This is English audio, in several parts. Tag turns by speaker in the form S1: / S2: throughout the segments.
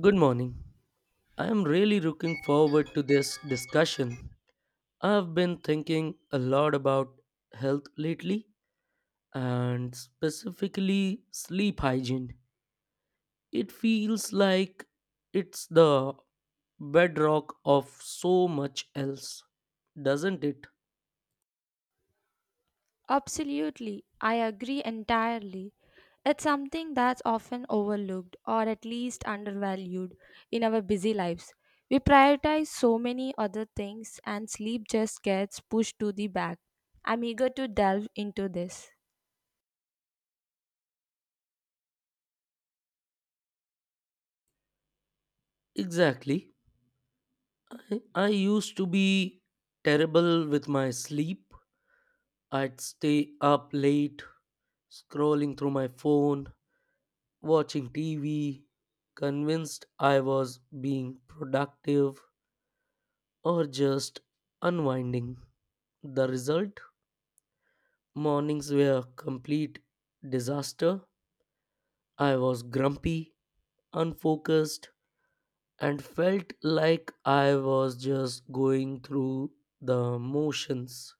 S1: Good morning. I am really looking forward to this discussion. I have been thinking a lot about health lately and specifically sleep hygiene. It feels like it's the bedrock of so much else, doesn't it?
S2: Absolutely, I agree entirely. It's something that's often overlooked or at least undervalued in our busy lives. We prioritize so many other things, and sleep just gets pushed to the back. I'm eager to delve into this.
S1: Exactly. I used to be terrible with my sleep. I'd stay up late scrolling through my phone watching TV, convinced I was being productive or just unwinding. The result? Mornings were a complete disaster. I was grumpy, unfocused, and felt like I was just going through the motions.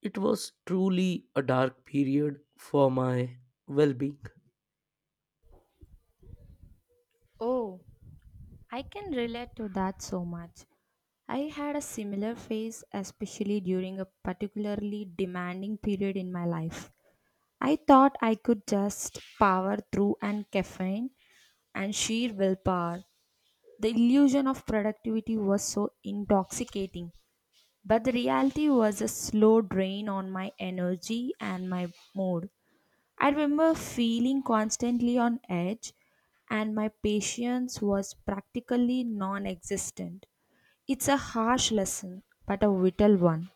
S1: It was truly a dark period for my well being.
S2: Oh, I can relate to that so much. I had a similar phase, especially during a particularly demanding period in my life. I thought I could just power through and caffeine, and sheer willpower. The illusion of productivity was so intoxicating, but the reality was a slow drain on my energy and my mood. I remember feeling constantly on edge, and my patience was practically non existent. It's a harsh lesson, but a vital one.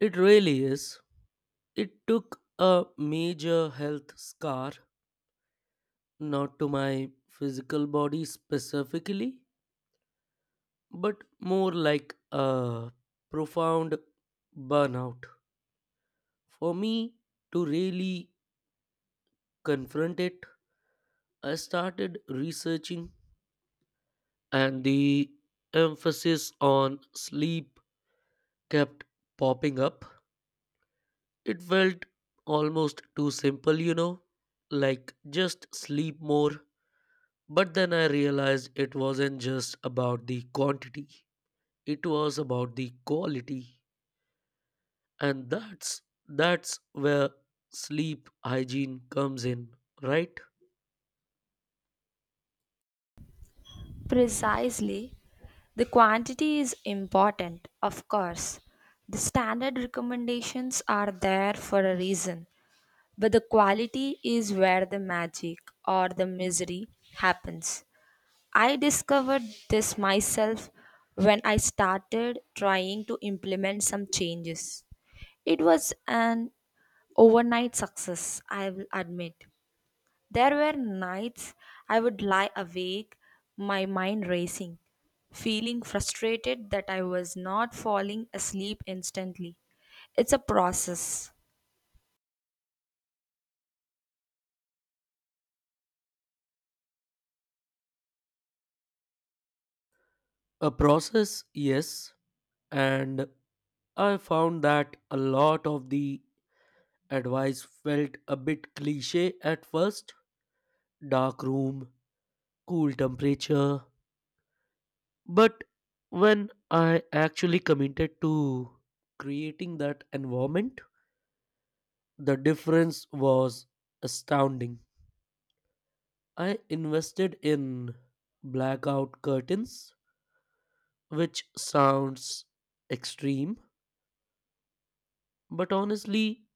S1: It really is. It took a major health scar, not to my physical body specifically, but more like a profound burnout. For me to really confront it, I started researching, and the emphasis on sleep kept popping up. It felt almost too simple, like just sleep more. But then I realized it wasn't just about the quantity. It was about the quality, and that's where sleep hygiene comes in, right?
S2: Precisely. The quantity is important, of course. The standard recommendations are there for a reason. But the quality is where the magic or the misery happens. I discovered this myself when I started trying to implement some changes. It was an overnight success, I will admit. There were nights I would lie awake, my mind racing, feeling frustrated that I was not falling asleep instantly. It's a process.
S1: A process, yes, and I found that a lot of the advice felt a bit cliche at first, dark room, cool temperature, but when I actually committed to creating that environment, the difference was astounding. I invested in blackout curtains, which sounds extreme, but honestly,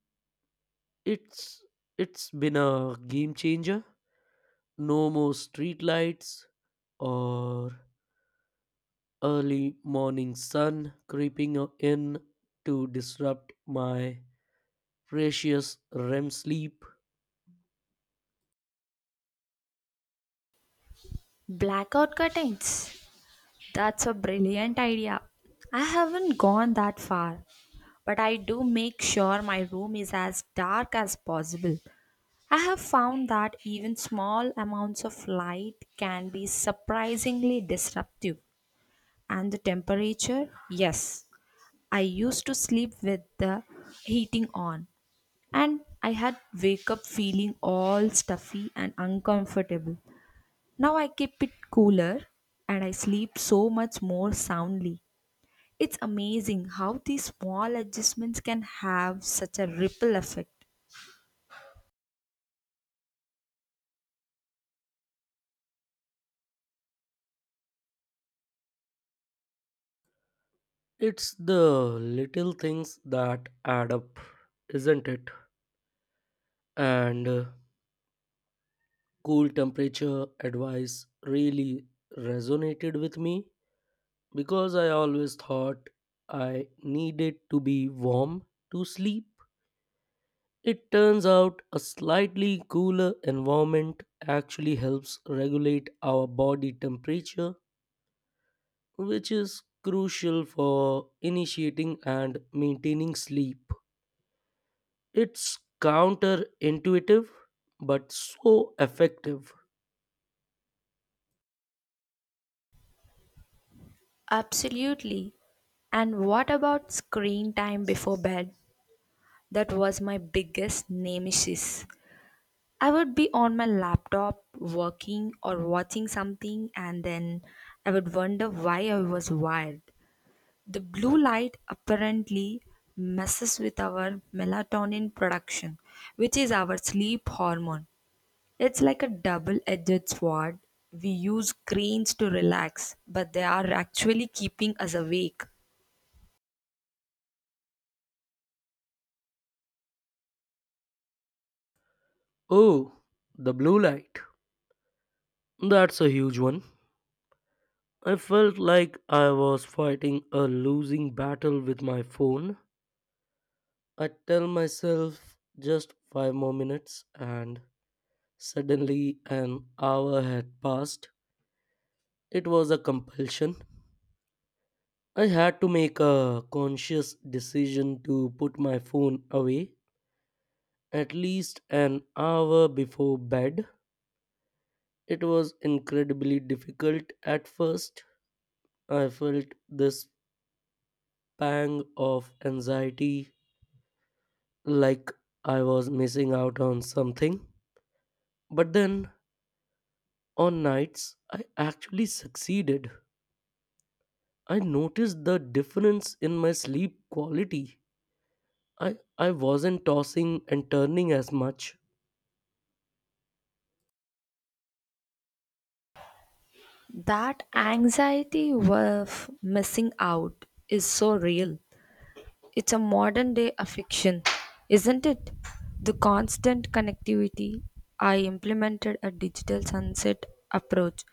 S1: it's it's been a game changer. No more street lights or early morning sun creeping in to disrupt my precious REM sleep.
S2: Blackout curtains. That's a brilliant idea. I haven't gone that far, but I do make sure my room is as dark as possible. I have found that even small amounts of light can be surprisingly disruptive. And the temperature? Yes, I used to sleep with the heating on, and I had wake up feeling all stuffy and uncomfortable. Now I keep it cooler and I sleep so much more soundly. It's amazing how these small adjustments can have such a ripple effect.
S1: It's the little things that add up, isn't it? And cool temperature advice really resonated with me because I always thought I needed to be warm to sleep. It turns out a slightly cooler environment actually helps regulate our body temperature, which is crucial for initiating and maintaining sleep. It's counterintuitive but so effective.
S2: Absolutely. And what about screen time before bed? That was my biggest nemesis. I would be on my laptop working or watching something, and then I would wonder why I was wired. The blue light apparently messes with our melatonin production, which is our sleep hormone. It's like a double edged sword. We use screens to relax, but they are actually keeping us awake.
S1: Oh, the blue light. That's a huge one. I felt like I was fighting a losing battle with my phone. I tell myself just five more minutes, and suddenly an hour had passed. It was a compulsion. I had to make a conscious decision to put my phone away at least an hour before bed. It was incredibly difficult at first. I felt this pang of anxiety like I was missing out on something. But then on nights, I actually succeeded. I noticed the difference in my sleep quality. I wasn't tossing and turning as much.
S2: That anxiety of missing out is so real. It's a modern day affliction, isn't it? The constant connectivity. I implemented a digital sunset approach.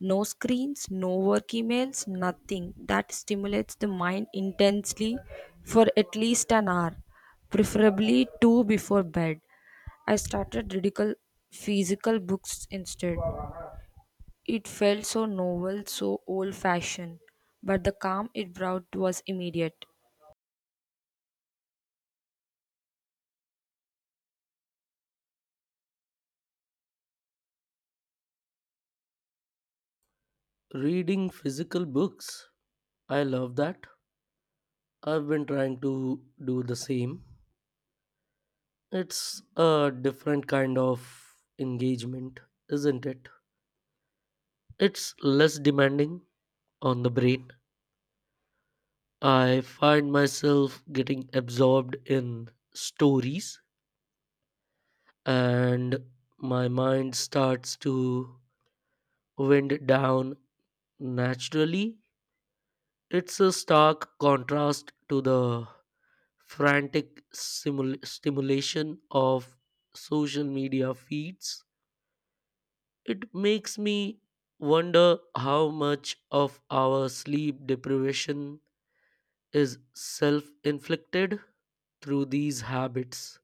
S2: No screens, no work emails, nothing that stimulates the mind intensely for at least an hour, preferably two before bed. I started ridicule physical books instead. It felt so novel, so old fashioned, but the calm it brought was immediate.
S1: Reading physical books. I love that. I've been trying to do the same. It's a different kind of engagement, isn't it? It's less demanding on the brain. I find myself getting absorbed in stories, and my mind starts to wind down naturally. It's a stark contrast to the frantic stimulation of social media feeds. It makes me wonder how much of our sleep deprivation is self inflicted through these habits.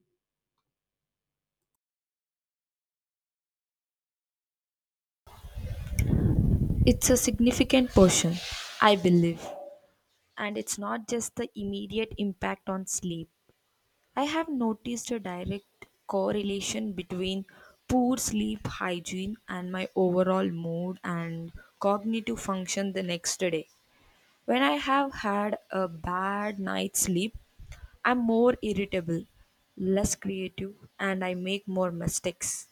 S2: It's a significant portion, I believe. And it's not just the immediate impact on sleep. I have noticed a direct correlation between poor sleep hygiene and my overall mood and cognitive function the next day. When I have had a bad night's sleep, I'm more irritable, less creative, and I make more mistakes.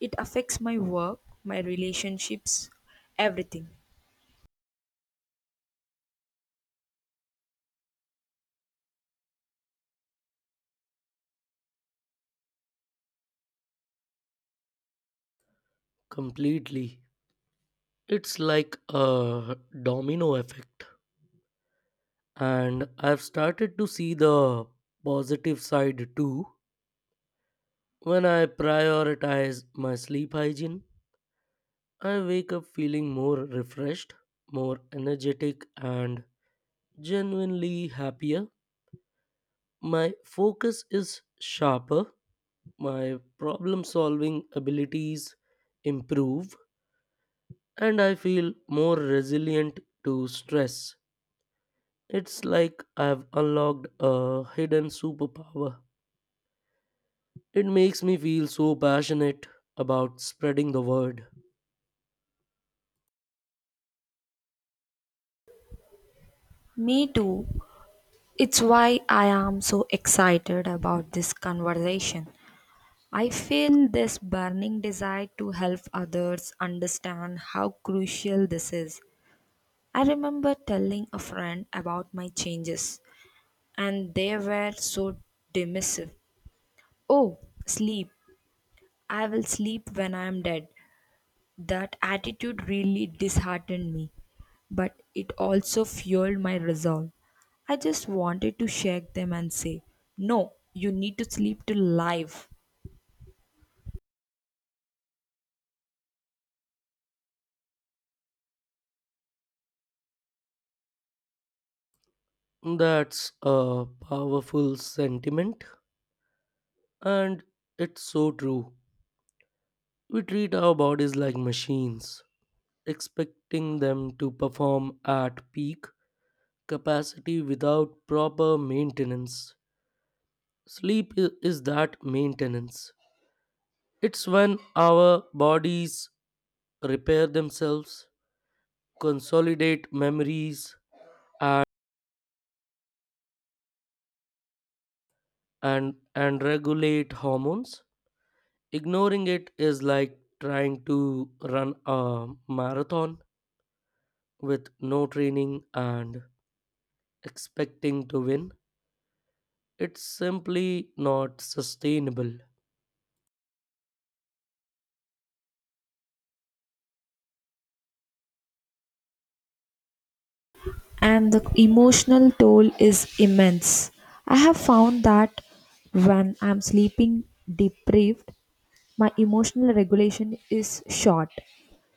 S2: It affects my work, my relationships, everything.
S1: Completely. It's like a domino effect. And I've started to see the positive side too. When I prioritize my sleep hygiene, I wake up feeling more refreshed, more energetic, and genuinely happier. My focus is sharper, my problem solving abilities improve, and I feel more resilient to stress. It's like I've unlocked a hidden superpower. It makes me feel so passionate about spreading the word.
S2: Me too. It's why I am so excited about this conversation. I feel this burning desire to help others understand how crucial this is. I remember telling a friend about my changes, and they were so dismissive. Oh, sleep. I will sleep when I am dead. That attitude really disheartened me, but it also fueled my resolve. I just wanted to shake them and say, no, you need to sleep to live.
S1: That's a powerful sentiment, and it's so true. We treat our bodies like machines, expecting them to perform at peak capacity without proper maintenance. Sleep is that maintenance. It's when our bodies repair themselves, consolidate memories, and regulate hormones. Ignoring it is like trying to run a marathon with no training and expecting to win. It's simply not sustainable.
S2: And the emotional toll is immense. I have found that when I'm sleeping deprived, my emotional regulation is short.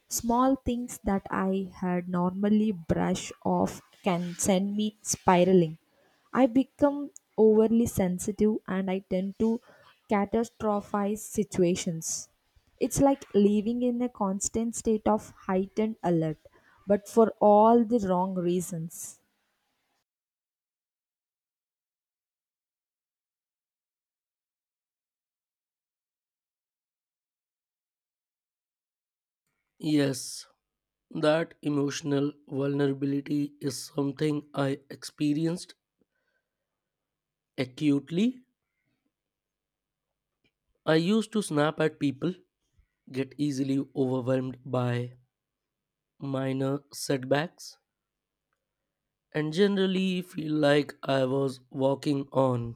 S2: Small things that I had normally brush off can send me spiraling. I become overly sensitive and I tend to catastrophize situations. It's like living in a constant state of heightened alert, but for all the wrong reasons.
S1: Yes, that emotional vulnerability is something I experienced acutely. I used to snap at people, get easily overwhelmed by minor setbacks, and generally feel like I was walking on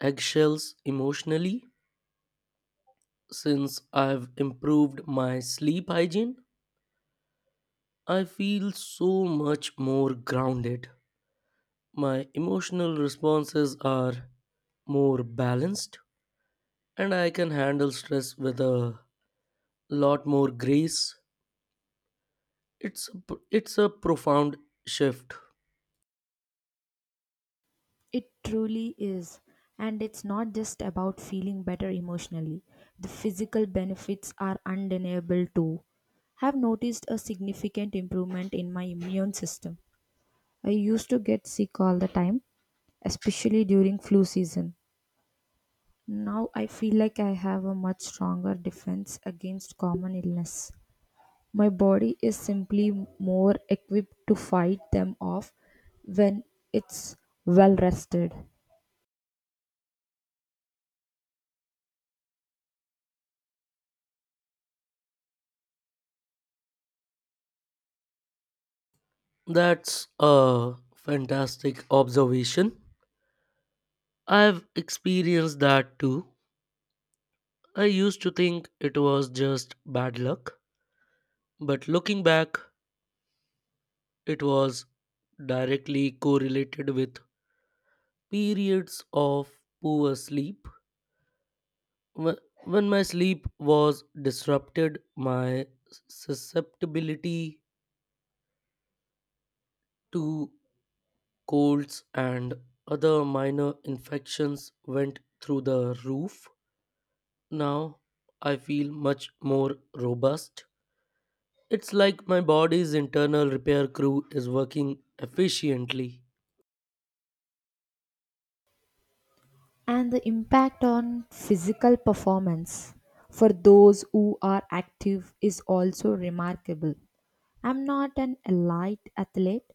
S1: eggshells emotionally. Since I've improved my sleep hygiene, I feel so much more grounded. My emotional responses are more balanced, and I can handle stress with a lot more grace. It's a, it's a profound shift.
S2: It truly is. And it's not just about feeling better emotionally, the physical benefits are undeniable too. I've noticed a significant improvement in my immune system. I used to get sick all the time, especially during flu season. Now I feel like I have a much stronger defense against common illness. My body is simply more equipped to fight them off when it's well rested.
S1: That's a fantastic observation. I've experienced that too. I used to think it was just bad luck, but looking back, it was directly correlated with periods of poor sleep. When my sleep was disrupted, my susceptibility to colds and other minor infections went through the roof. Now I feel much more robust. It's like my body's internal repair crew is working efficiently.
S2: And the impact on physical performance for those who are active is also remarkable. I'm not an elite athlete,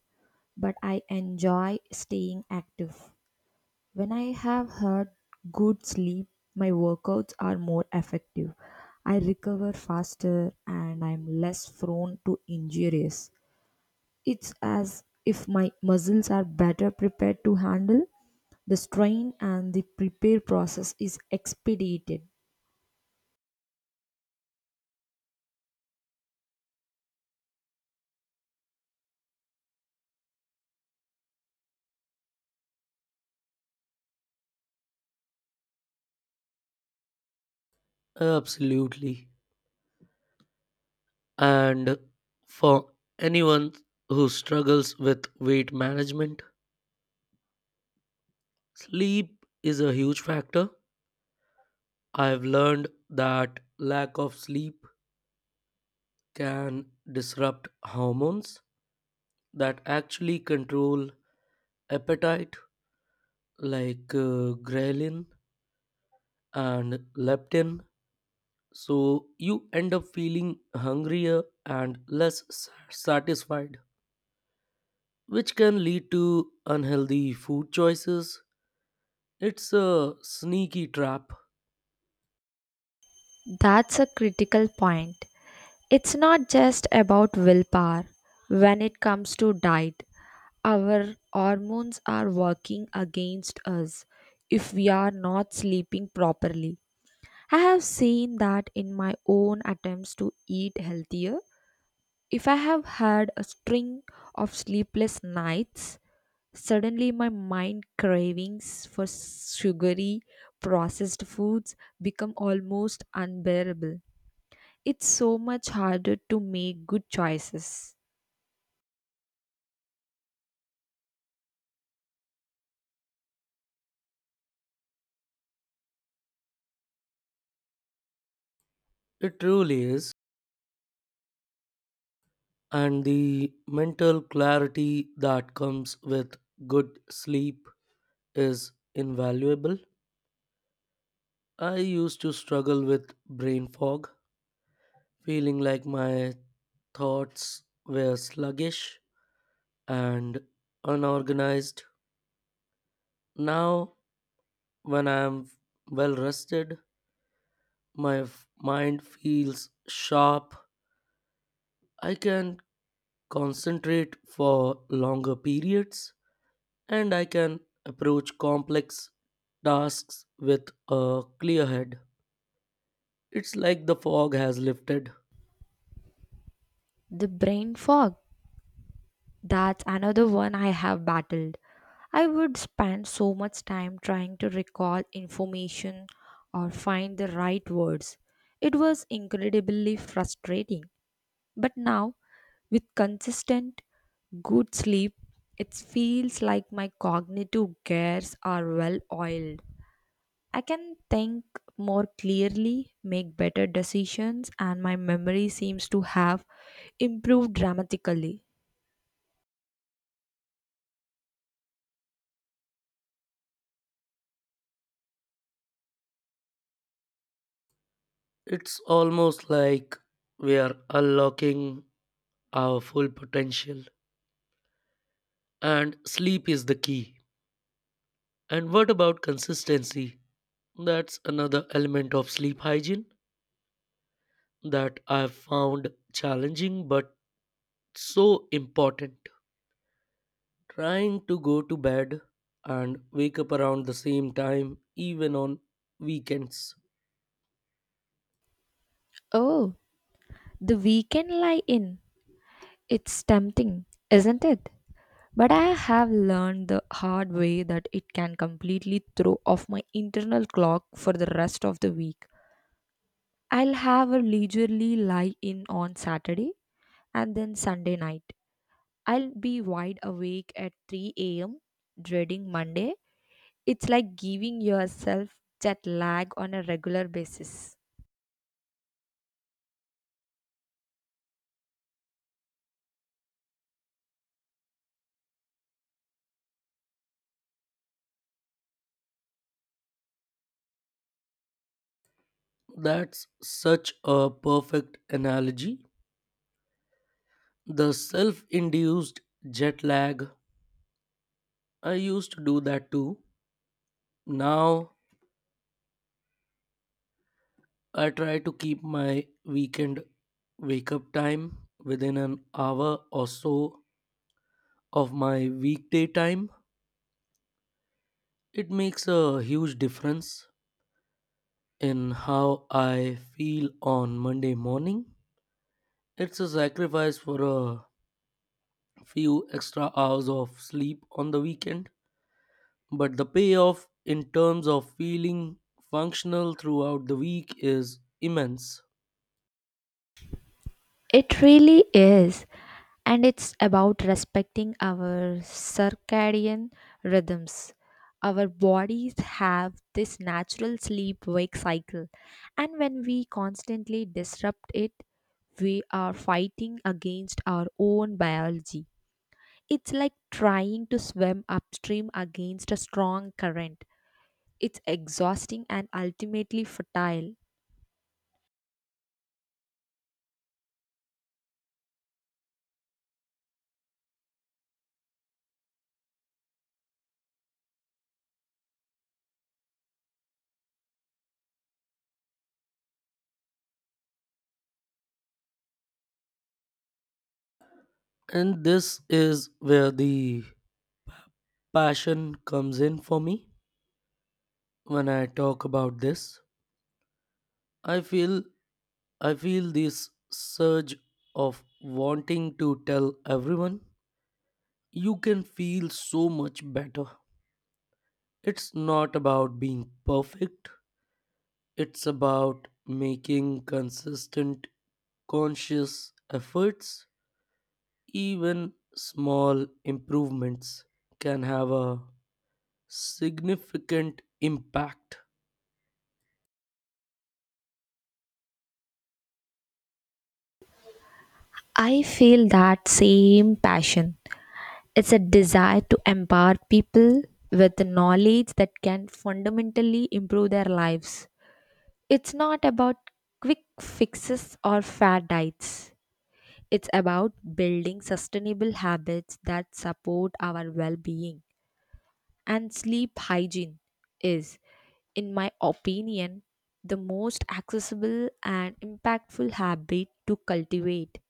S2: but I enjoy staying active. When I have had good sleep, my workouts are more effective. I recover faster and I'm less prone to injuries. It's as if my muscles are better prepared to handle the strain and the prepare process is expedited.
S1: Absolutely. And for anyone who struggles with weight management, sleep is a huge factor. I've learned that lack of sleep can disrupt hormones that actually control appetite, like ghrelin and leptin. So you end up feeling hungrier and less satisfied, which can lead to unhealthy food choices. It's a sneaky trap.
S2: That's a critical point. It's not just about willpower. When it comes to diet, our hormones are working against us if we are not sleeping properly. I have seen that in my own attempts to eat healthier. If I have had a string of sleepless nights, suddenly, my mind cravings for sugary, processed foods become almost unbearable. It's so much harder to make good choices.
S1: It really is. And the mental clarity that comes with good sleep is invaluable. I used to struggle with brain fog, feeling like my thoughts were sluggish and unorganized. Now when I'm well rested, my mind feels sharp. I can concentrate for longer periods and I can approach complex tasks with a clear head. It's like the fog has lifted.
S2: The brain fog, that's another one I have battled. I would spend so much time trying to recall information or find the right words. It was incredibly frustrating. But now, with consistent good sleep, it feels like my cognitive gears are well oiled. I can think more clearly, make better decisions, and my memory seems to have improved dramatically.
S1: It's almost like we are unlocking our full potential. And sleep is the key. And what about consistency? That's another element of sleep hygiene that I've found challenging but so important. Trying to go to bed and wake up around the same time, even on weekends.
S2: Oh, the weekend lie in. It's tempting, isn't it? But I have learned the hard way that it can completely throw off my internal clock for the rest of the week. I'll have a leisurely lie in on Saturday and then Sunday night. I'll be wide awake at 3 a.m., dreading Monday. It's like giving yourself jet lag on a regular basis.
S1: That's such a perfect analogy. The self induced jet lag, I used to do that too. Now I try to keep my weekend wake up time within an hour or so of my weekday time. It makes a huge difference in how I feel on Monday morning. It's a sacrifice for a few extra hours of sleep on the weekend, but the payoff in terms of feeling functional throughout the week is immense.
S2: It really is. And it's about respecting our circadian rhythms. Our bodies have this natural sleep wake cycle, and when we constantly disrupt it, we are fighting against our own biology. It's like trying to swim upstream against a strong current. It's exhausting and ultimately futile.
S1: And this is where the passion comes in for me when I talk about this. I feel I feel this surge of wanting to tell everyone you can feel so much better. It's not about being perfect, it's about making consistent, conscious efforts. Even small improvements can have a significant impact.
S2: I feel that same passion. It's a desire to empower people with knowledge that can fundamentally improve their lives. It's not about quick fixes or fad diets. It's about building sustainable habits that support our well being. And sleep hygiene is, in my opinion, the most accessible and impactful habit to cultivate.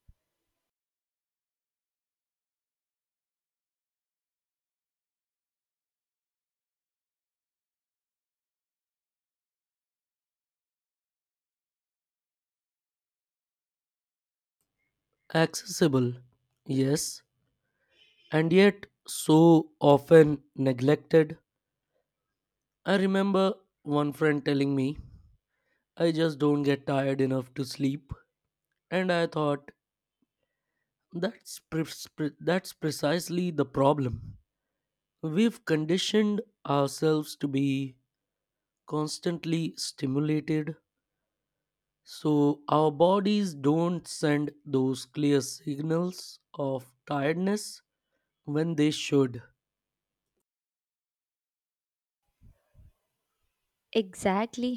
S1: Accessible, yes, and yet so often neglected. I remember one friend telling me, I just don't get tired enough to sleep, and I thought, that's precisely the problem. We've conditioned ourselves to be constantly stimulated, so our bodies don't send those clear signals of tiredness when they should.
S2: Exactly.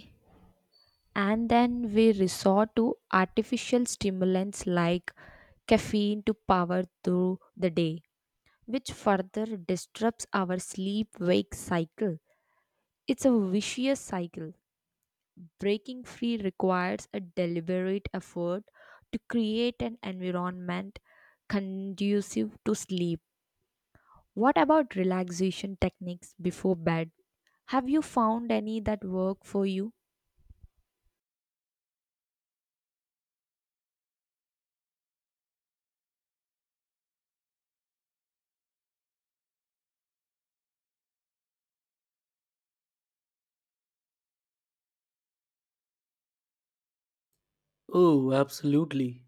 S2: And then we resort to artificial stimulants like caffeine to power through the day, which further disrupts our sleep wake cycle. It's a vicious cycle. Breaking free requires a deliberate effort to create an environment conducive to sleep. What about relaxation techniques before bed? Have you found any that work for you?
S1: Oh, absolutely.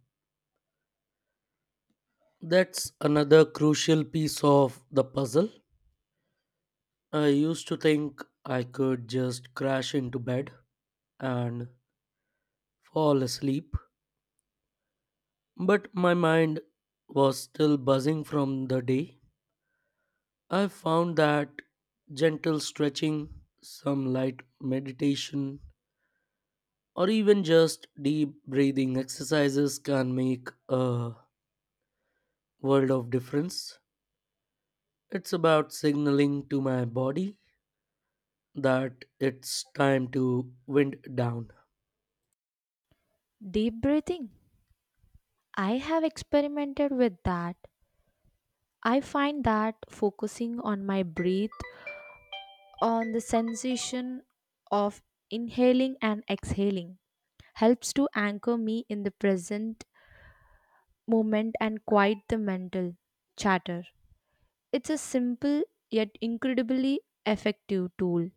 S1: That's another crucial piece of the puzzle. I used to think I could just crash into bed and fall asleep, but my mind was still buzzing from the day. I found that gentle stretching, some light meditation, or even just deep breathing exercises can make a world of difference. It's about signaling to my body that it's time to wind down.
S2: Deep breathing. I have experimented with that. I find that focusing on my breath, on the sensation of inhaling and exhaling, helps to anchor me in the present moment and quiet the mental chatter. It's a simple yet incredibly effective tool.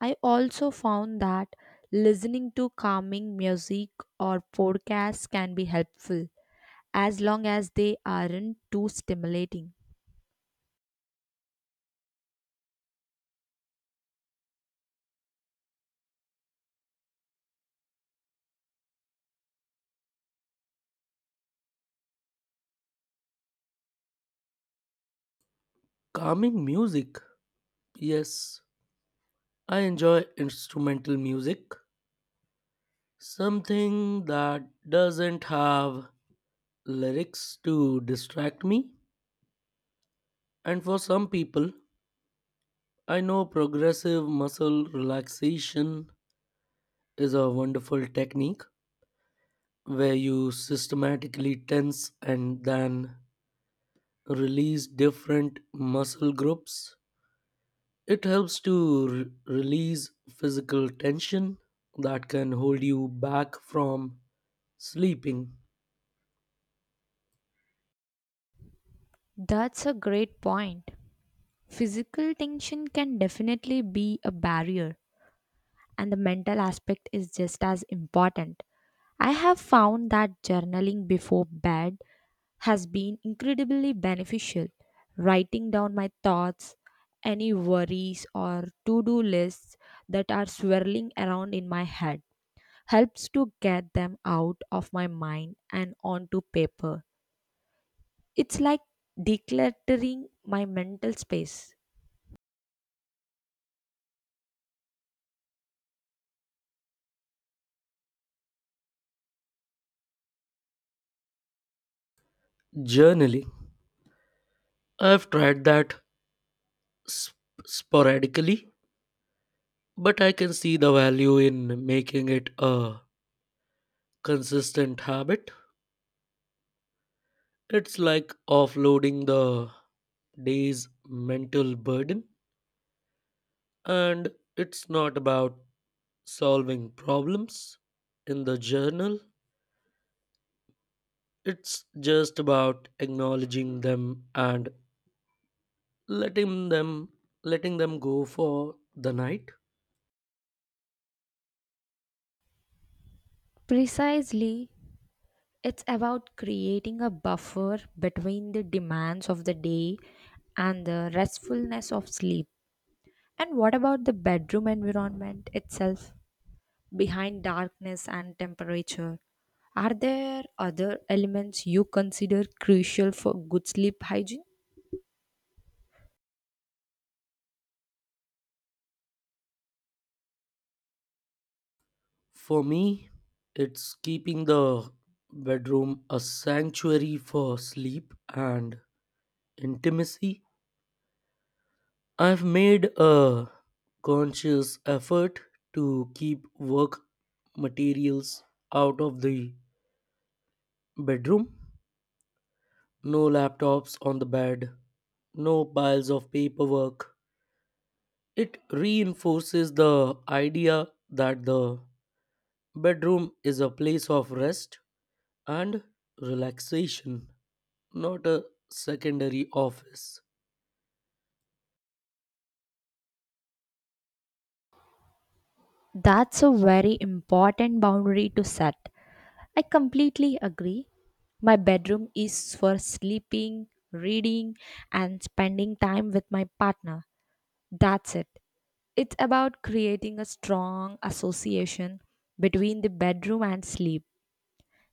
S2: I also found that listening to calming music or podcasts can be helpful as long as they aren't too stimulating.
S1: Calming music. Yes, I enjoy instrumental music. Something that doesn't have lyrics to distract me. And for some people, I know progressive muscle relaxation is a wonderful technique where you systematically tense and then release different muscle groups. It helps to release physical tension that can hold you back from sleeping.
S2: That's a great point. Physical tension can definitely be a barrier, and the mental aspect is just as important. I have found that journaling before bed has been incredibly beneficial. Writing down my thoughts, any worries or to do lists that are swirling around in my head helps to get them out of my mind and onto paper. It's like decluttering my mental space.
S1: Journaling. I've tried that sp- sporadically, but I can see the value in making it a consistent habit. It's like offloading the day's mental burden, and it's not about solving problems in the journal, it's just about acknowledging them and letting them letting them go for the night.
S2: Precisely, it's about creating a buffer between the demands of the day and the restfulness of sleep. And what about the bedroom environment itself? Behind darkness and temperature, are there other elements you consider crucial for good sleep hygiene?
S1: For me, it's keeping the bedroom a sanctuary for sleep and intimacy. I've made a conscious effort to keep work materials out of the bedroom. No laptops on the bed, no piles of paperwork. It reinforces the idea that the bedroom is a place of rest and relaxation, not a secondary office.
S2: That's a very important boundary to set. I completely agree. My bedroom is for sleeping, reading, and spending time with my partner. That's it. It's about creating a strong association between the bedroom and sleep.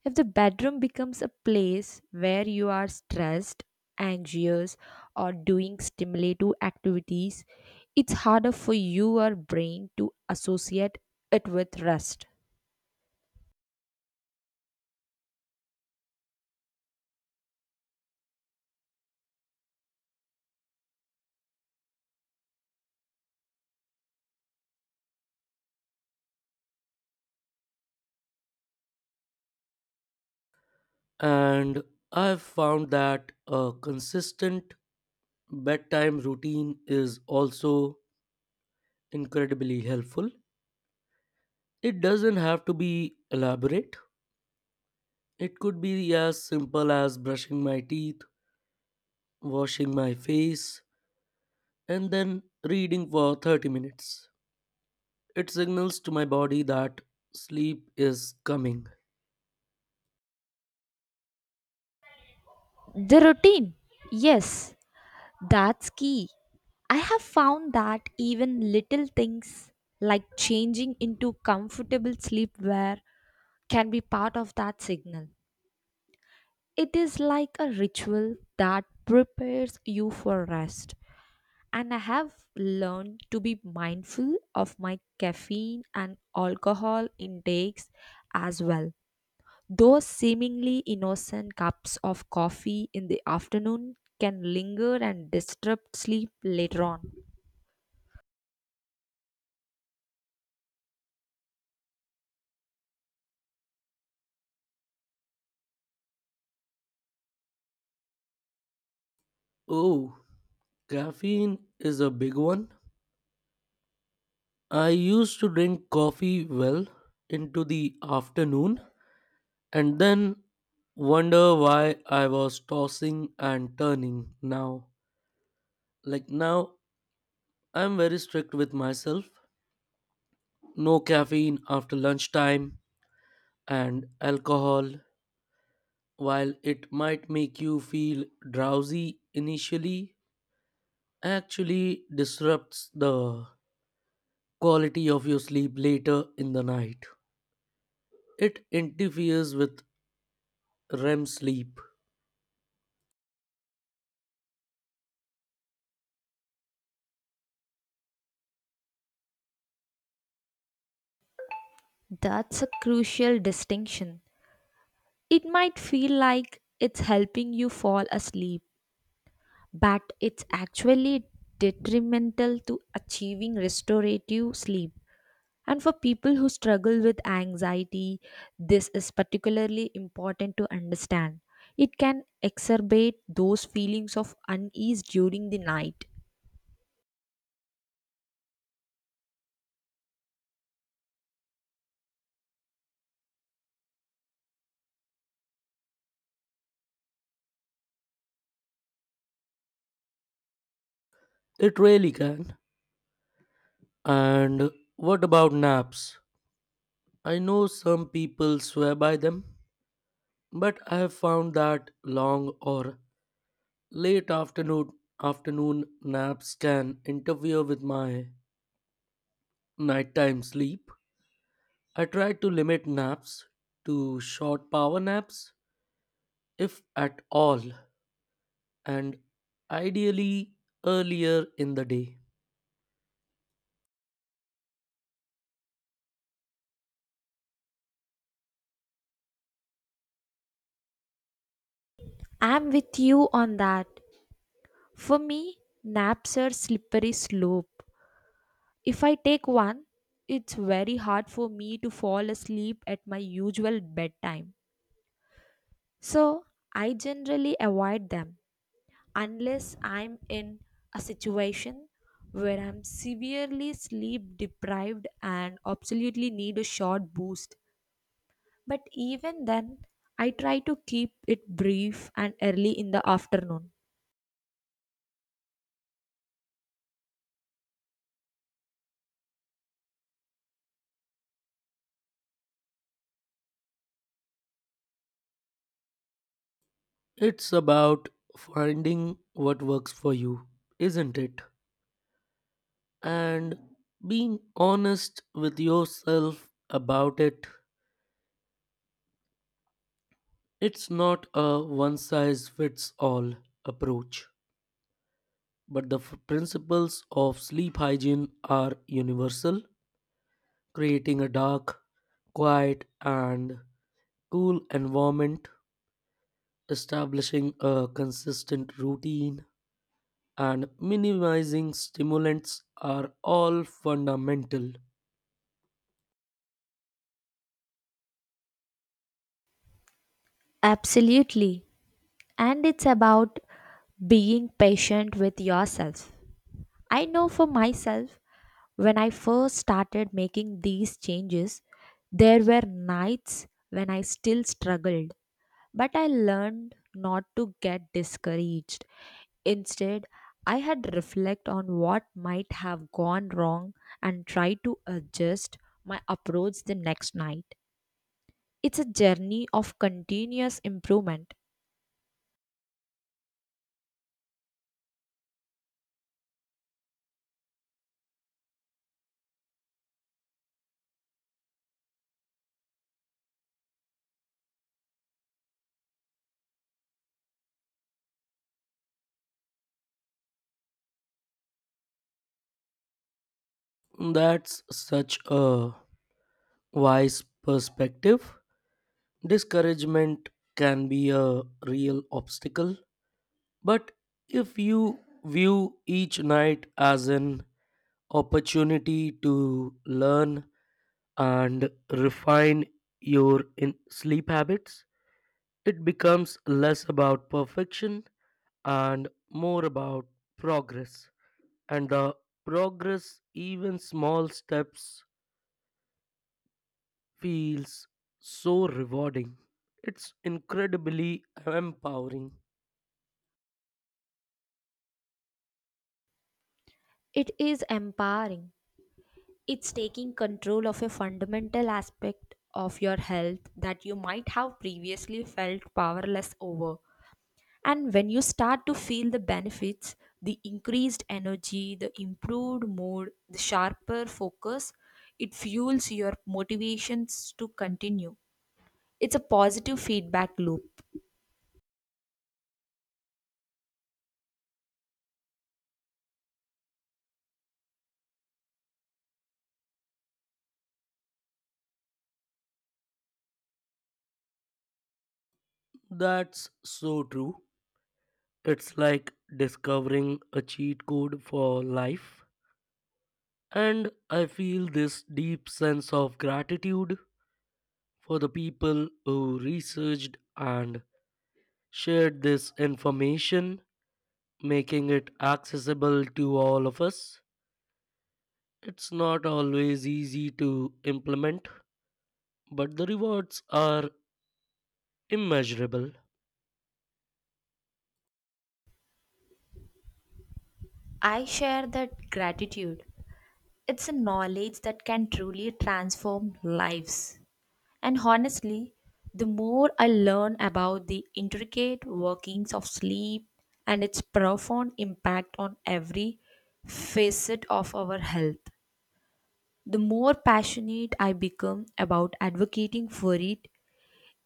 S2: If the bedroom becomes a place where you are stressed, anxious, or doing stimulative activities, it's harder for your brain to associate it with rest.
S1: And I've found that a consistent bedtime routine is also incredibly helpful. It doesn't have to be elaborate, it could be as simple as brushing my teeth, washing my face, and then reading for 30 minutes. It signals to my body that sleep is coming.
S2: The routine. Yes, that's key. I have found that even little things like changing into comfortable sleepwear can be part of that signal. It is like a ritual that prepares you for rest. And I have learned to be mindful of my caffeine and alcohol intakes as well. Those seemingly innocent cups of coffee in the afternoon can linger and disrupt sleep later on.
S1: Oh, caffeine is a big one. I used to drink coffee well into the afternoon, and then wonder why I was tossing and turning. Now, like now, I'm very strict with myself. No caffeine after lunchtime. And alcohol, while it might make you feel drowsy initially, actually disrupts the quality of your sleep later in the night. It interferes with REM sleep.
S2: That's a crucial distinction. It might feel like it's helping you fall asleep but it's actually detrimental to achieving restorative sleep. And for people who struggle with anxiety, this is particularly important to understand. It can exacerbate those feelings of unease during the night.
S1: It really can. And what about naps? I know some people swear by them, but I have found that long or late afternoon naps can interfere with my nighttime sleep. I try to limit naps to short power naps if at all and ideally earlier in the day.
S2: I'm with you on that. For me, naps are slippery slope. If I take one, it's very hard for me to fall asleep at my usual bedtime. So, I generally avoid them, unless I'm in a situation where I'm severely sleep deprived and absolutely need a short boost. But even then, I try to keep it brief and early in the afternoon.
S1: It's about finding what works for you, isn't it? And being honest with yourself about it. It's not a one size fits all approach, but the principles of sleep hygiene are universal, creating a dark, quiet, and cool environment, establishing a consistent routine, and minimizing stimulants are all fundamental.
S2: Absolutely. And it's about being patient with yourself. I know for myself, when I first started making these changes, there were nights when I still struggled. But I learned not to get discouraged. Instead, I had reflect on what might have gone wrong and try to adjust my approach the next night. It's a journey of continuous improvement.
S1: That's such a wise perspective. Discouragement can be a real obstacle. But if you view each night as an opportunity to learn and refine sleep habits, it becomes less about perfection and more about progress. And the progress, even small steps, feels so rewarding. It's incredibly empowering.
S2: It is empowering. It's taking control of a fundamental aspect of your health that you might have previously felt powerless over. And when you start to feel the benefits, the increased energy, the improved mood, the sharper focus, it fuels your motivations to continue. It's a positive feedback loop.
S1: That's so true. It's like discovering a cheat code for life. And I feel this deep sense of gratitude for the people who researched and shared this information, making it accessible to all of us. It's not always easy to implement, but the rewards are immeasurable.
S2: I share that gratitude. It's a knowledge that can truly transform lives. And honestly, the more I learn about the intricate workings of sleep and its profound impact on every facet of our health, the more passionate I become about advocating for it.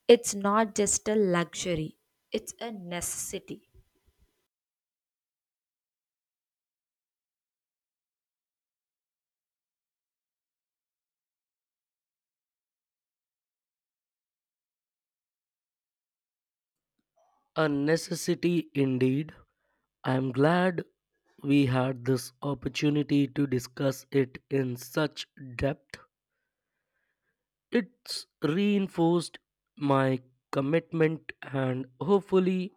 S2: It's not just a luxury, it's a necessity.
S1: A necessity indeed. I'm glad we had this opportunity to discuss it in such depth. It's reinforced my commitment, and hopefully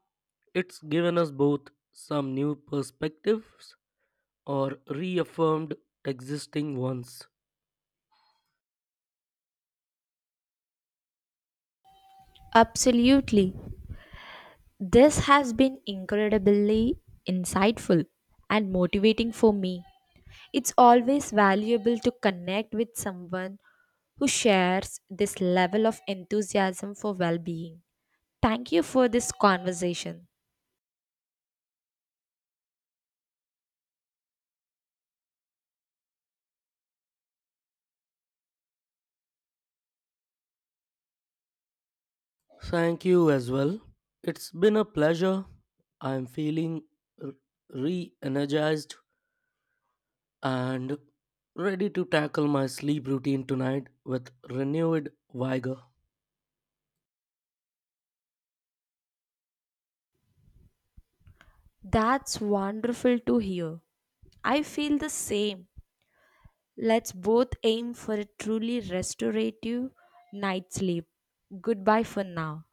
S1: it's given us both some new perspectives or reaffirmed existing ones.
S2: Absolutely. This has been incredibly insightful and motivating for me. It's always valuable to connect with someone who shares this level of enthusiasm for well being. Thank you for this conversation.
S1: Thank you as well. It's been a pleasure. I'm feeling re energized and ready to tackle my sleep routine tonight with renewed vigor.
S2: That's wonderful to hear. I feel the same. Let's both aim for a truly restorative night's sleep. Goodbye for now.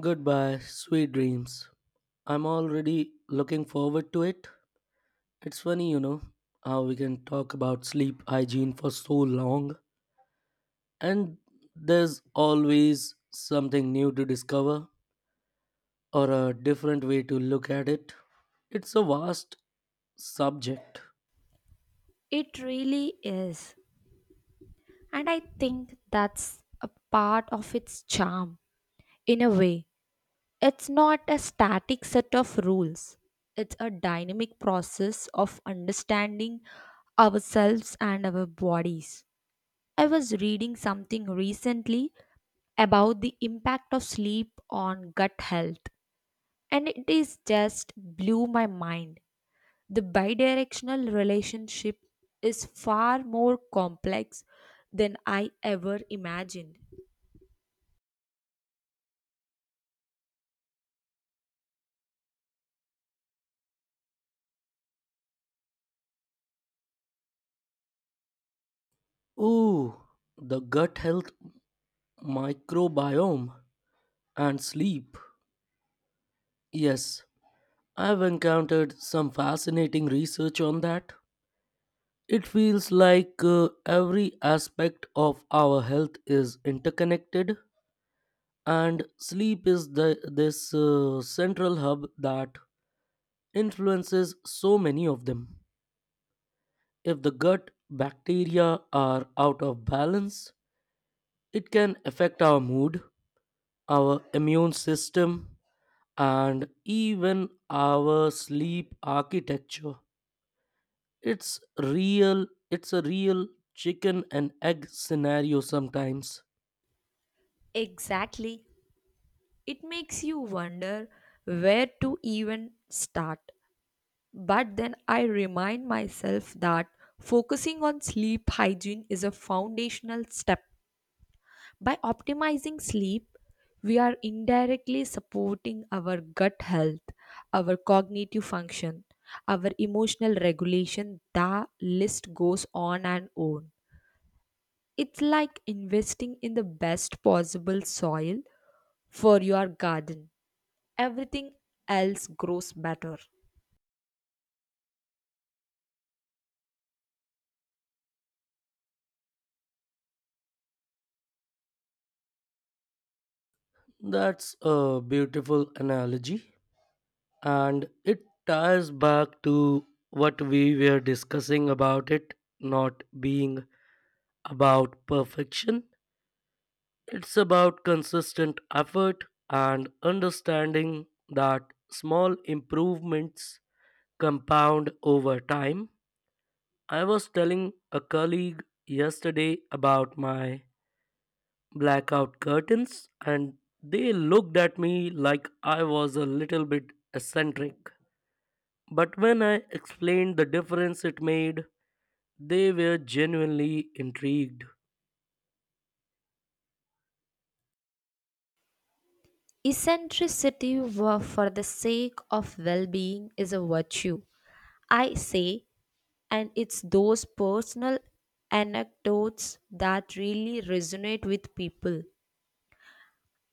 S1: Goodbye, sweet dreams. I'm already looking forward to it. It's funny, how we can talk about sleep hygiene for so long, and there's always something new to discover or a different way to look at it. It's a vast subject.
S2: It really is. And I think that's a part of its charm. In a way, it's not a static set of rules, it's a dynamic process of understanding ourselves and our bodies. I was reading something recently about the impact of sleep on gut health, and it is just blew my mind. The bidirectional relationship is far more complex than I ever imagined.
S1: Ooh, the gut health, microbiome, and sleep. Yes, I've encountered some fascinating research on that. It feels like every aspect of our health is interconnected, and sleep is this central hub that influences so many of them. If the gut bacteria are out of balance, it can affect our mood, our immune system, and even our sleep architecture. It's a real chicken and egg scenario sometimes.
S2: Exactly. It makes you wonder where to even start. But then I remind myself that focusing on sleep hygiene is a foundational step. By optimizing sleep, we are indirectly supporting our gut health, our cognitive function, our emotional regulation. The list goes on and on. It's like investing in the best possible soil for your garden. Everything else grows better.
S1: That's a beautiful analogy, and it ties back to what we were discussing about it not being about perfection. It's about consistent effort and understanding that small improvements compound over time. I was telling a colleague yesterday about my blackout curtains, and they looked at me like I was a little bit eccentric. But when I explained the difference it made, they were genuinely intrigued.
S2: For the sake of well being is a virtue. I say. And it's those personal anecdotes that really resonate with people.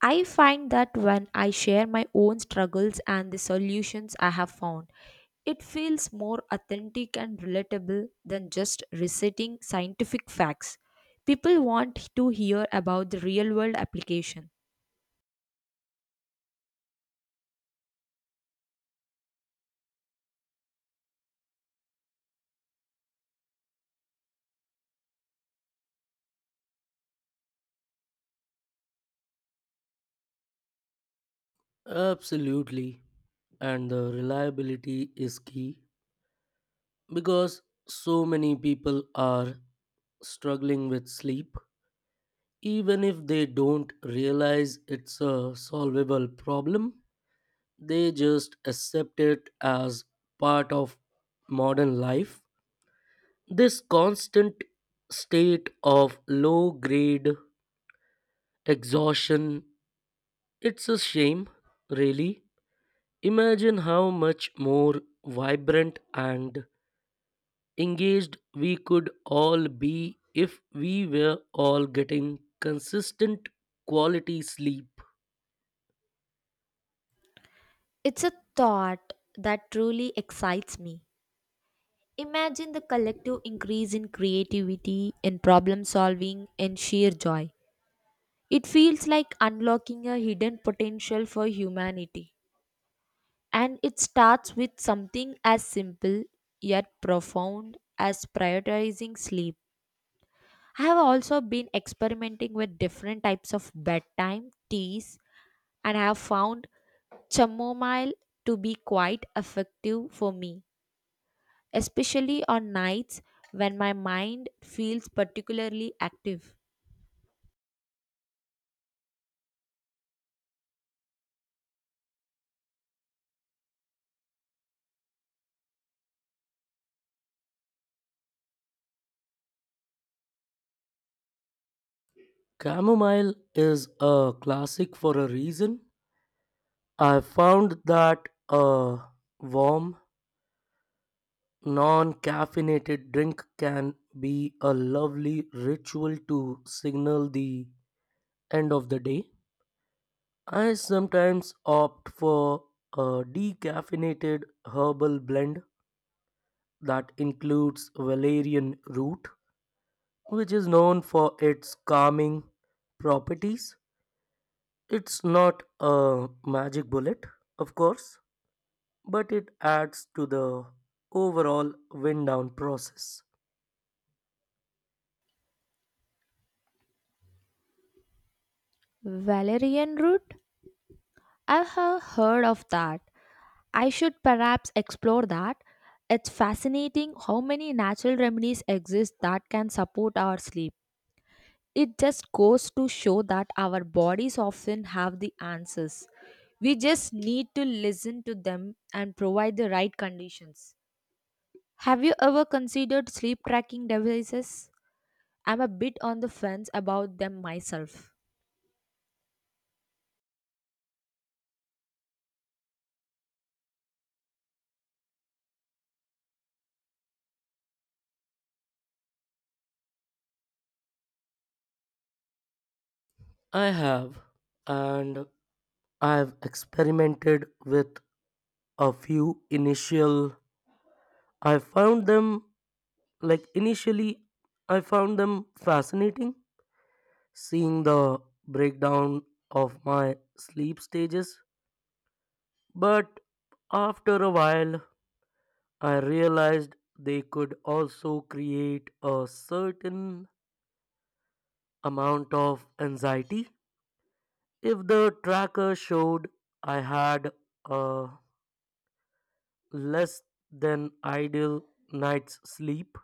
S2: I find that when I share my own struggles and the solutions I have found, it feels more authentic and relatable than just reciting scientific facts. People want to hear about the real world application.
S1: Absolutely. And the reliability is key because so many people are struggling with sleep, even if they don't realize it's a solvable problem. They just accept it as part of modern life. This constant state of low grade exhaustion, it's a shame, really. Imagine how much more vibrant and engaged we could all be if we were all getting consistent quality sleep.
S2: It's a thought that truly excites me. Imagine the collective increase in creativity, in problem solving, in sheer joy. It feels like unlocking a hidden potential for humanity. And it starts with something as simple yet profound as prioritizing sleep. I have also been experimenting with different types of bedtime teas and I have found chamomile to be quite effective for me, especially on nights when my mind feels particularly active.
S1: Chamomile is a classic for a reason. I found that a warm, non caffeinated drink can be a lovely ritual to signal the end of the day. I sometimes opt for a decaffeinated herbal blend that includes valerian root, which is known for its calming properties. It's not a magic bullet, of course, but it adds to the overall wind down process.
S2: Valerian root, I have heard of that. I should perhaps explore that. It's fascinating how many natural remedies exist that can support our sleep. It just goes to show that our bodies often have the answers. We just need to listen to them and provide the right conditions. Have you ever considered sleep tracking devices? I'm a bit on the fence about them myself.
S1: I have, and I've experimented with a few initial. I found them Initially, I found them fascinating, seeing the breakdown of my sleep stages, but after a while, I realized they could also create a certain amount of anxiety. If the tracker showed I had a less than ideal night's sleep,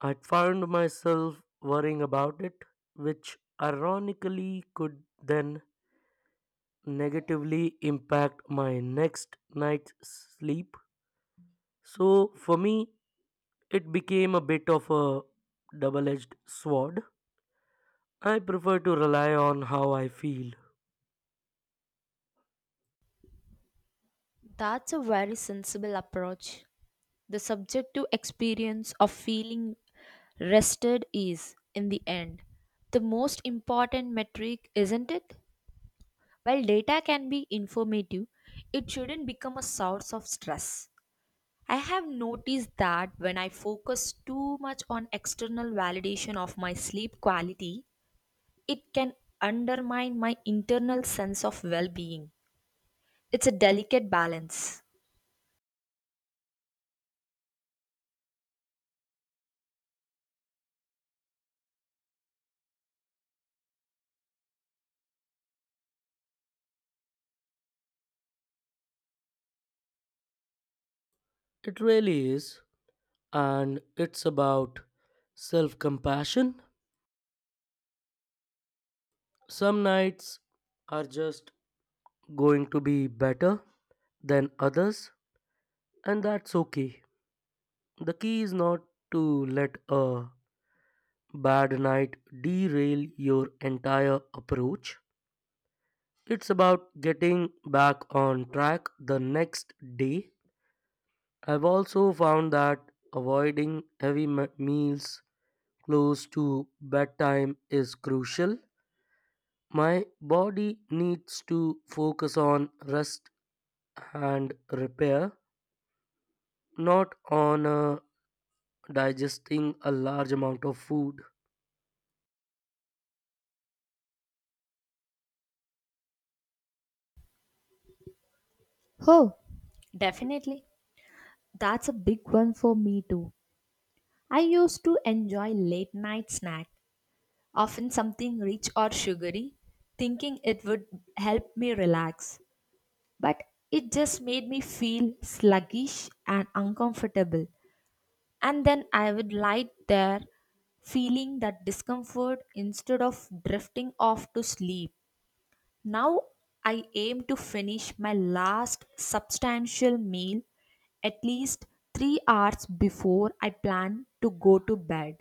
S1: I'd found myself worrying about it, which ironically could then negatively impact my next night's sleep. So for me, it became a bit of a double edged sword. I prefer to rely on how I feel.
S2: That's a very sensible approach. The subjective experience of feeling rested is, in the end, the most important metric, isn't it? While data can be informative, it shouldn't become a source of stress. I have noticed that when I focus too much on external validation of my sleep quality, it can undermine my internal sense of well being. It's a delicate balance.
S1: It really is. And it's about self compassion. Some nights are just going to be better than others, and that's okay. The key is not to let a bad night derail your entire approach. It's about getting back on track the next day. I've also found that meals close to bedtime is crucial. My body needs to focus on rest and repair, not on digesting a large amount of food.
S2: Oh, definitely. That's a big one for me too. I used to enjoy late night snack, often something rich or sugary, thinking it would help me relax. But it just made me feel sluggish and uncomfortable. And then I would lie there feeling that discomfort instead of drifting off to sleep. Now I aim to finish my last substantial meal at least 3 hours before I plan to go to bed.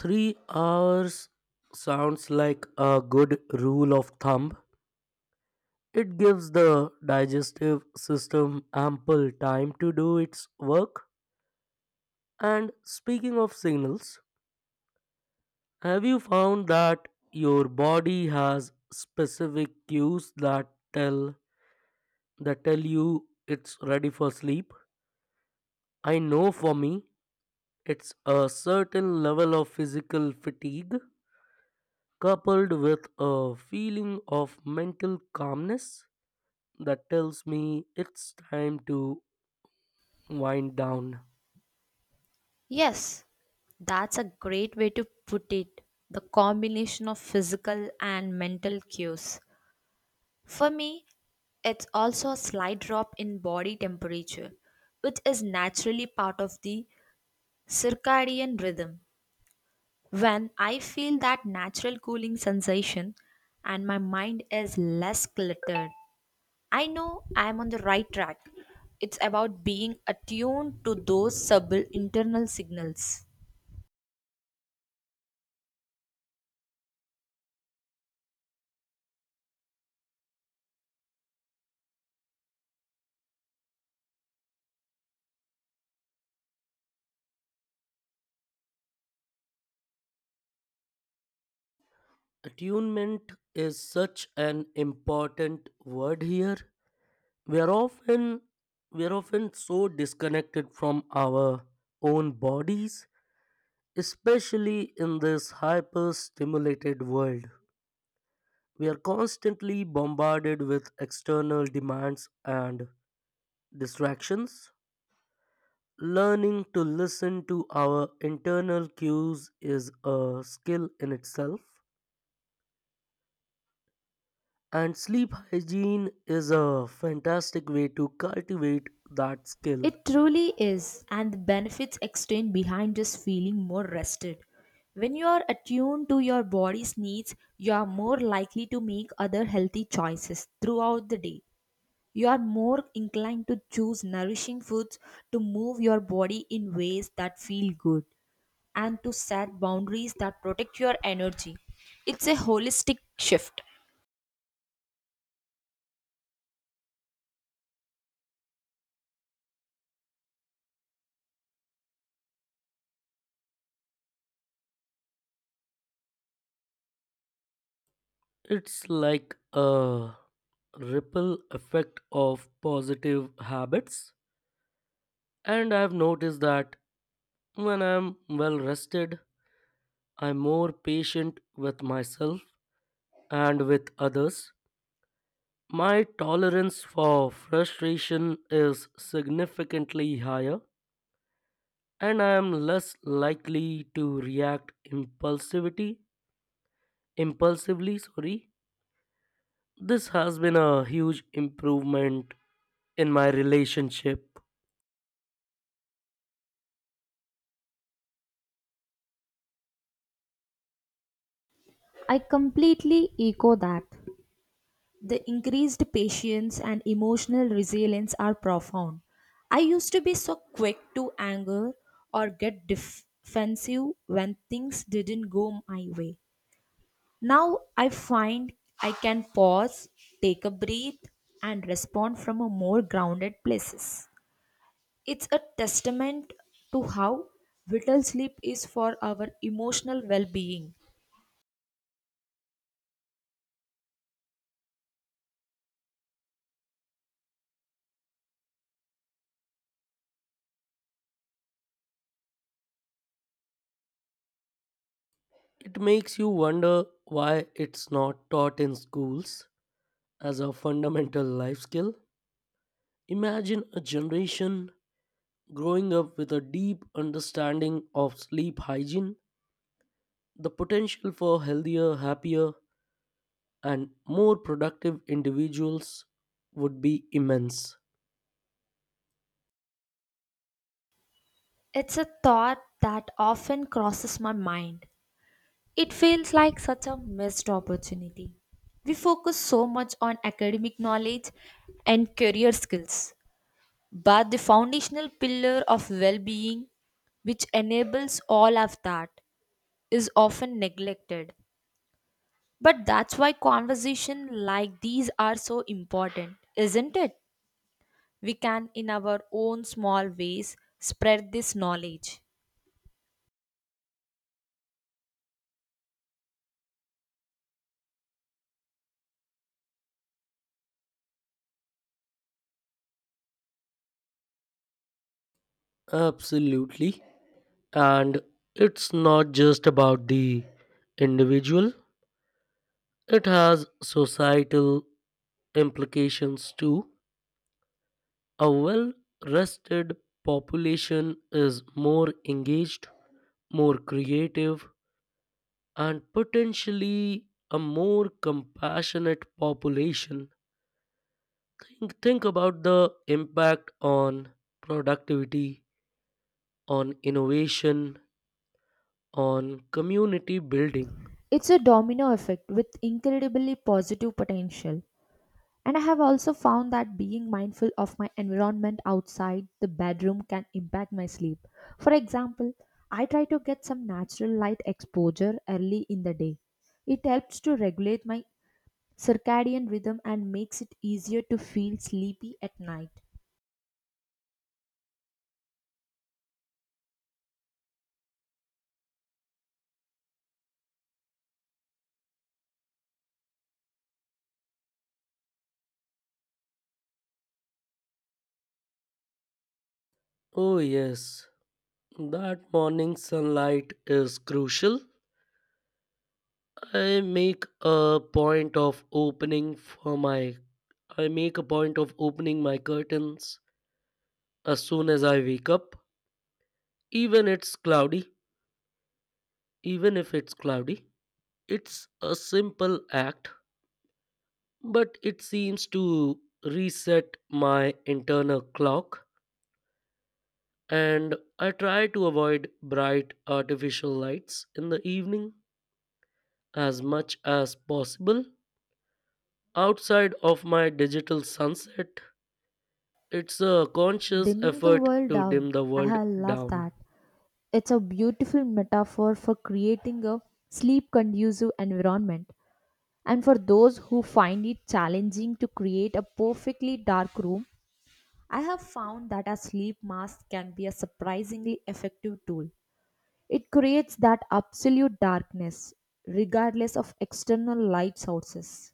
S1: 3 hours sounds like a good rule of thumb. It gives the digestive system ample time to do its work. And speaking of signals, have you found that your body has specific cues that tell They tell you it's ready for sleep? I know for me, it's a certain level of physical fatigue coupled with a feeling of mental calmness that tells me it's time to wind down.
S2: Yes, that's a great way to put it. The combination of physical and mental cues. For me, it's also a slight drop in body temperature, which is naturally part of the circadian rhythm. When I feel that natural cooling sensation and my mind is less cluttered, I know I am on the right track. It's about being attuned to those subtle internal signals.
S1: Attunement is such an important word here. We are often we are often so disconnected from our own bodies, especially in this hyper stimulated world. We are constantly bombarded with external demands and distractions. Learning to listen to our internal cues is a skill in itself, and sleep hygiene is a fantastic way to cultivate that skill.
S2: It truly is, and the benefits extend behind just feeling more rested. When you are attuned to your body's needs, you are more likely to make other healthy choices throughout the day. You are more inclined to choose nourishing foods, to move your body in ways that feel good, and to set boundaries that protect your energy. It's a holistic shift.
S1: It's like a ripple effect of positive habits, and I've noticed that when I'm well rested, I'm more patient with myself and with others. My tolerance for frustration is significantly higher, and I am less likely to react impulsivity impulsively, sorry. This has been a huge improvement in my relationship.
S2: I completely echo that. The increased patience and emotional resilience are profound. I used to be so quick to anger or get defensive when things didn't go my way. Now I find I can pause, take a breath, and respond from a more grounded places. It's a testament to how vital sleep is for our emotional well being.
S1: It makes you wonder why it's not taught in schools as a fundamental life skill. Imagine a generation growing up with a deep understanding of sleep hygiene. The potential for healthier, happier, and more productive individuals would be immense.
S2: It's a thought that often crosses my mind. It feels like such a missed opportunity. We focus so much on academic knowledge and career skills, but the foundational pillar of well being, which enables all of that, is often neglected. But that's why conversations like these are so important, isn't it? We can, in our own small ways, spread this knowledge.
S1: Absolutely. And it's not just about the individual, it has societal implications too. A well rested population is more engaged, more creative, and potentially a more compassionate population. Think about the impact on productivity, on innovation, on community building.
S2: It's a domino effect with incredibly positive potential. And I have also found that being mindful of my environment outside the bedroom can impact my sleep. For example, I try to get some natural light exposure early in the day. It helps to regulate my circadian rhythm and makes it easier to feel sleepy at night.
S1: Oh, yes, that morning sunlight is crucial. I make a point of opening for my I make a point of opening my curtains as soon as I wake up, even it's cloudy, even if it's cloudy. It's a simple act, but it seems to reset my internal clock, and I try to avoid bright artificial lights in the evening as much as possible. Outside of my digital sunset, it's a conscious
S2: Dimming the
S1: effort
S2: world
S1: to dim
S2: down,
S1: the
S2: I
S1: world
S2: have love
S1: down.
S2: that. It's a beautiful metaphor for creating a sleep conducive environment. And for those who find it challenging to create a perfectly dark room, I have found that a sleep mask can be a surprisingly effective tool. It creates that absolute darkness, regardless of external light sources.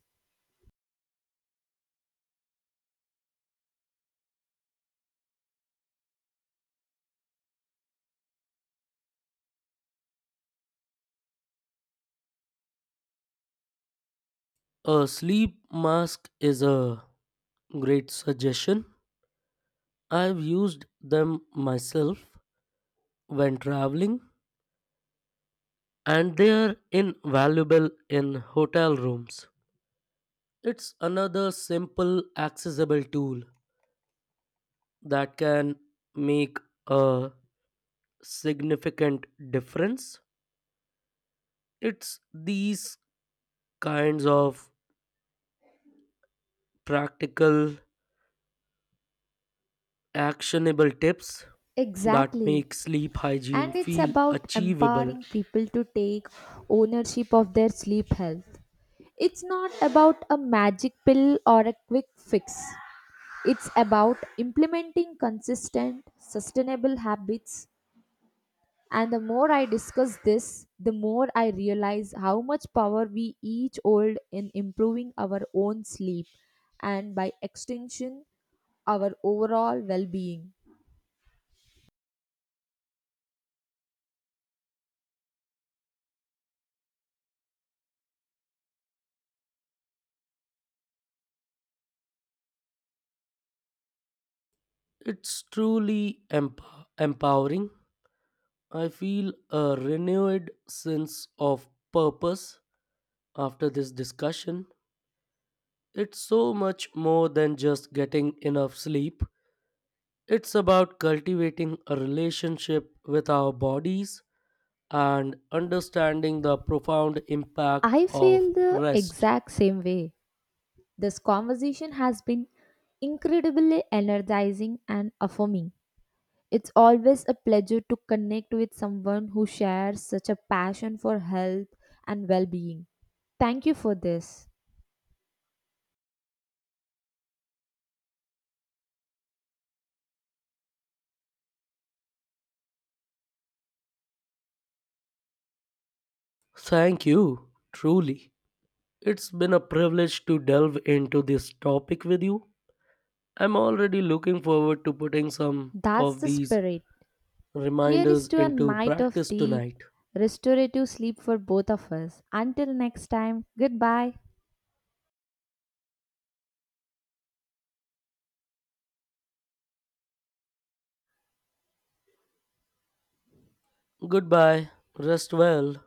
S1: A sleep mask is a great suggestion. I've used them myself when traveling, and they are invaluable in hotel rooms. It's another simple, accessible tool that can make a significant difference. It's these kinds of practical, actionable tips that
S2: Exactly.
S1: make sleep hygiene
S2: And it's
S1: feel
S2: about
S1: achievable.
S2: empowering people to take ownership of their sleep health. It's not about a magic pill or a quick fix. It's about implementing consistent, sustainable habits. And the more I discuss this, the more I realize how much power we each hold in improving our own sleep, and by extension, our overall well being.
S1: It's truly emp- empowering. I feel a renewed sense of purpose after this discussion. It's so much more than just getting enough sleep. It's about cultivating a relationship with our bodies and understanding the profound impact
S2: I
S1: of
S2: feel the
S1: rest.
S2: exact same way. This conversation has been incredibly energizing and affirming. It's always a pleasure to connect with someone who shares such a passion for health and well being. Thank you for this.
S1: Thank you, truly. It's been a privilege to delve into this topic with you. I'm already looking forward to putting some
S2: That's
S1: of
S2: the
S1: these
S2: spirit. Here is
S1: reminders
S2: to a
S1: into
S2: night of
S1: practice
S2: deep,
S1: tonight.
S2: restorative sleep for both of us. Until next time, goodbye.
S1: Goodbye. Rest well.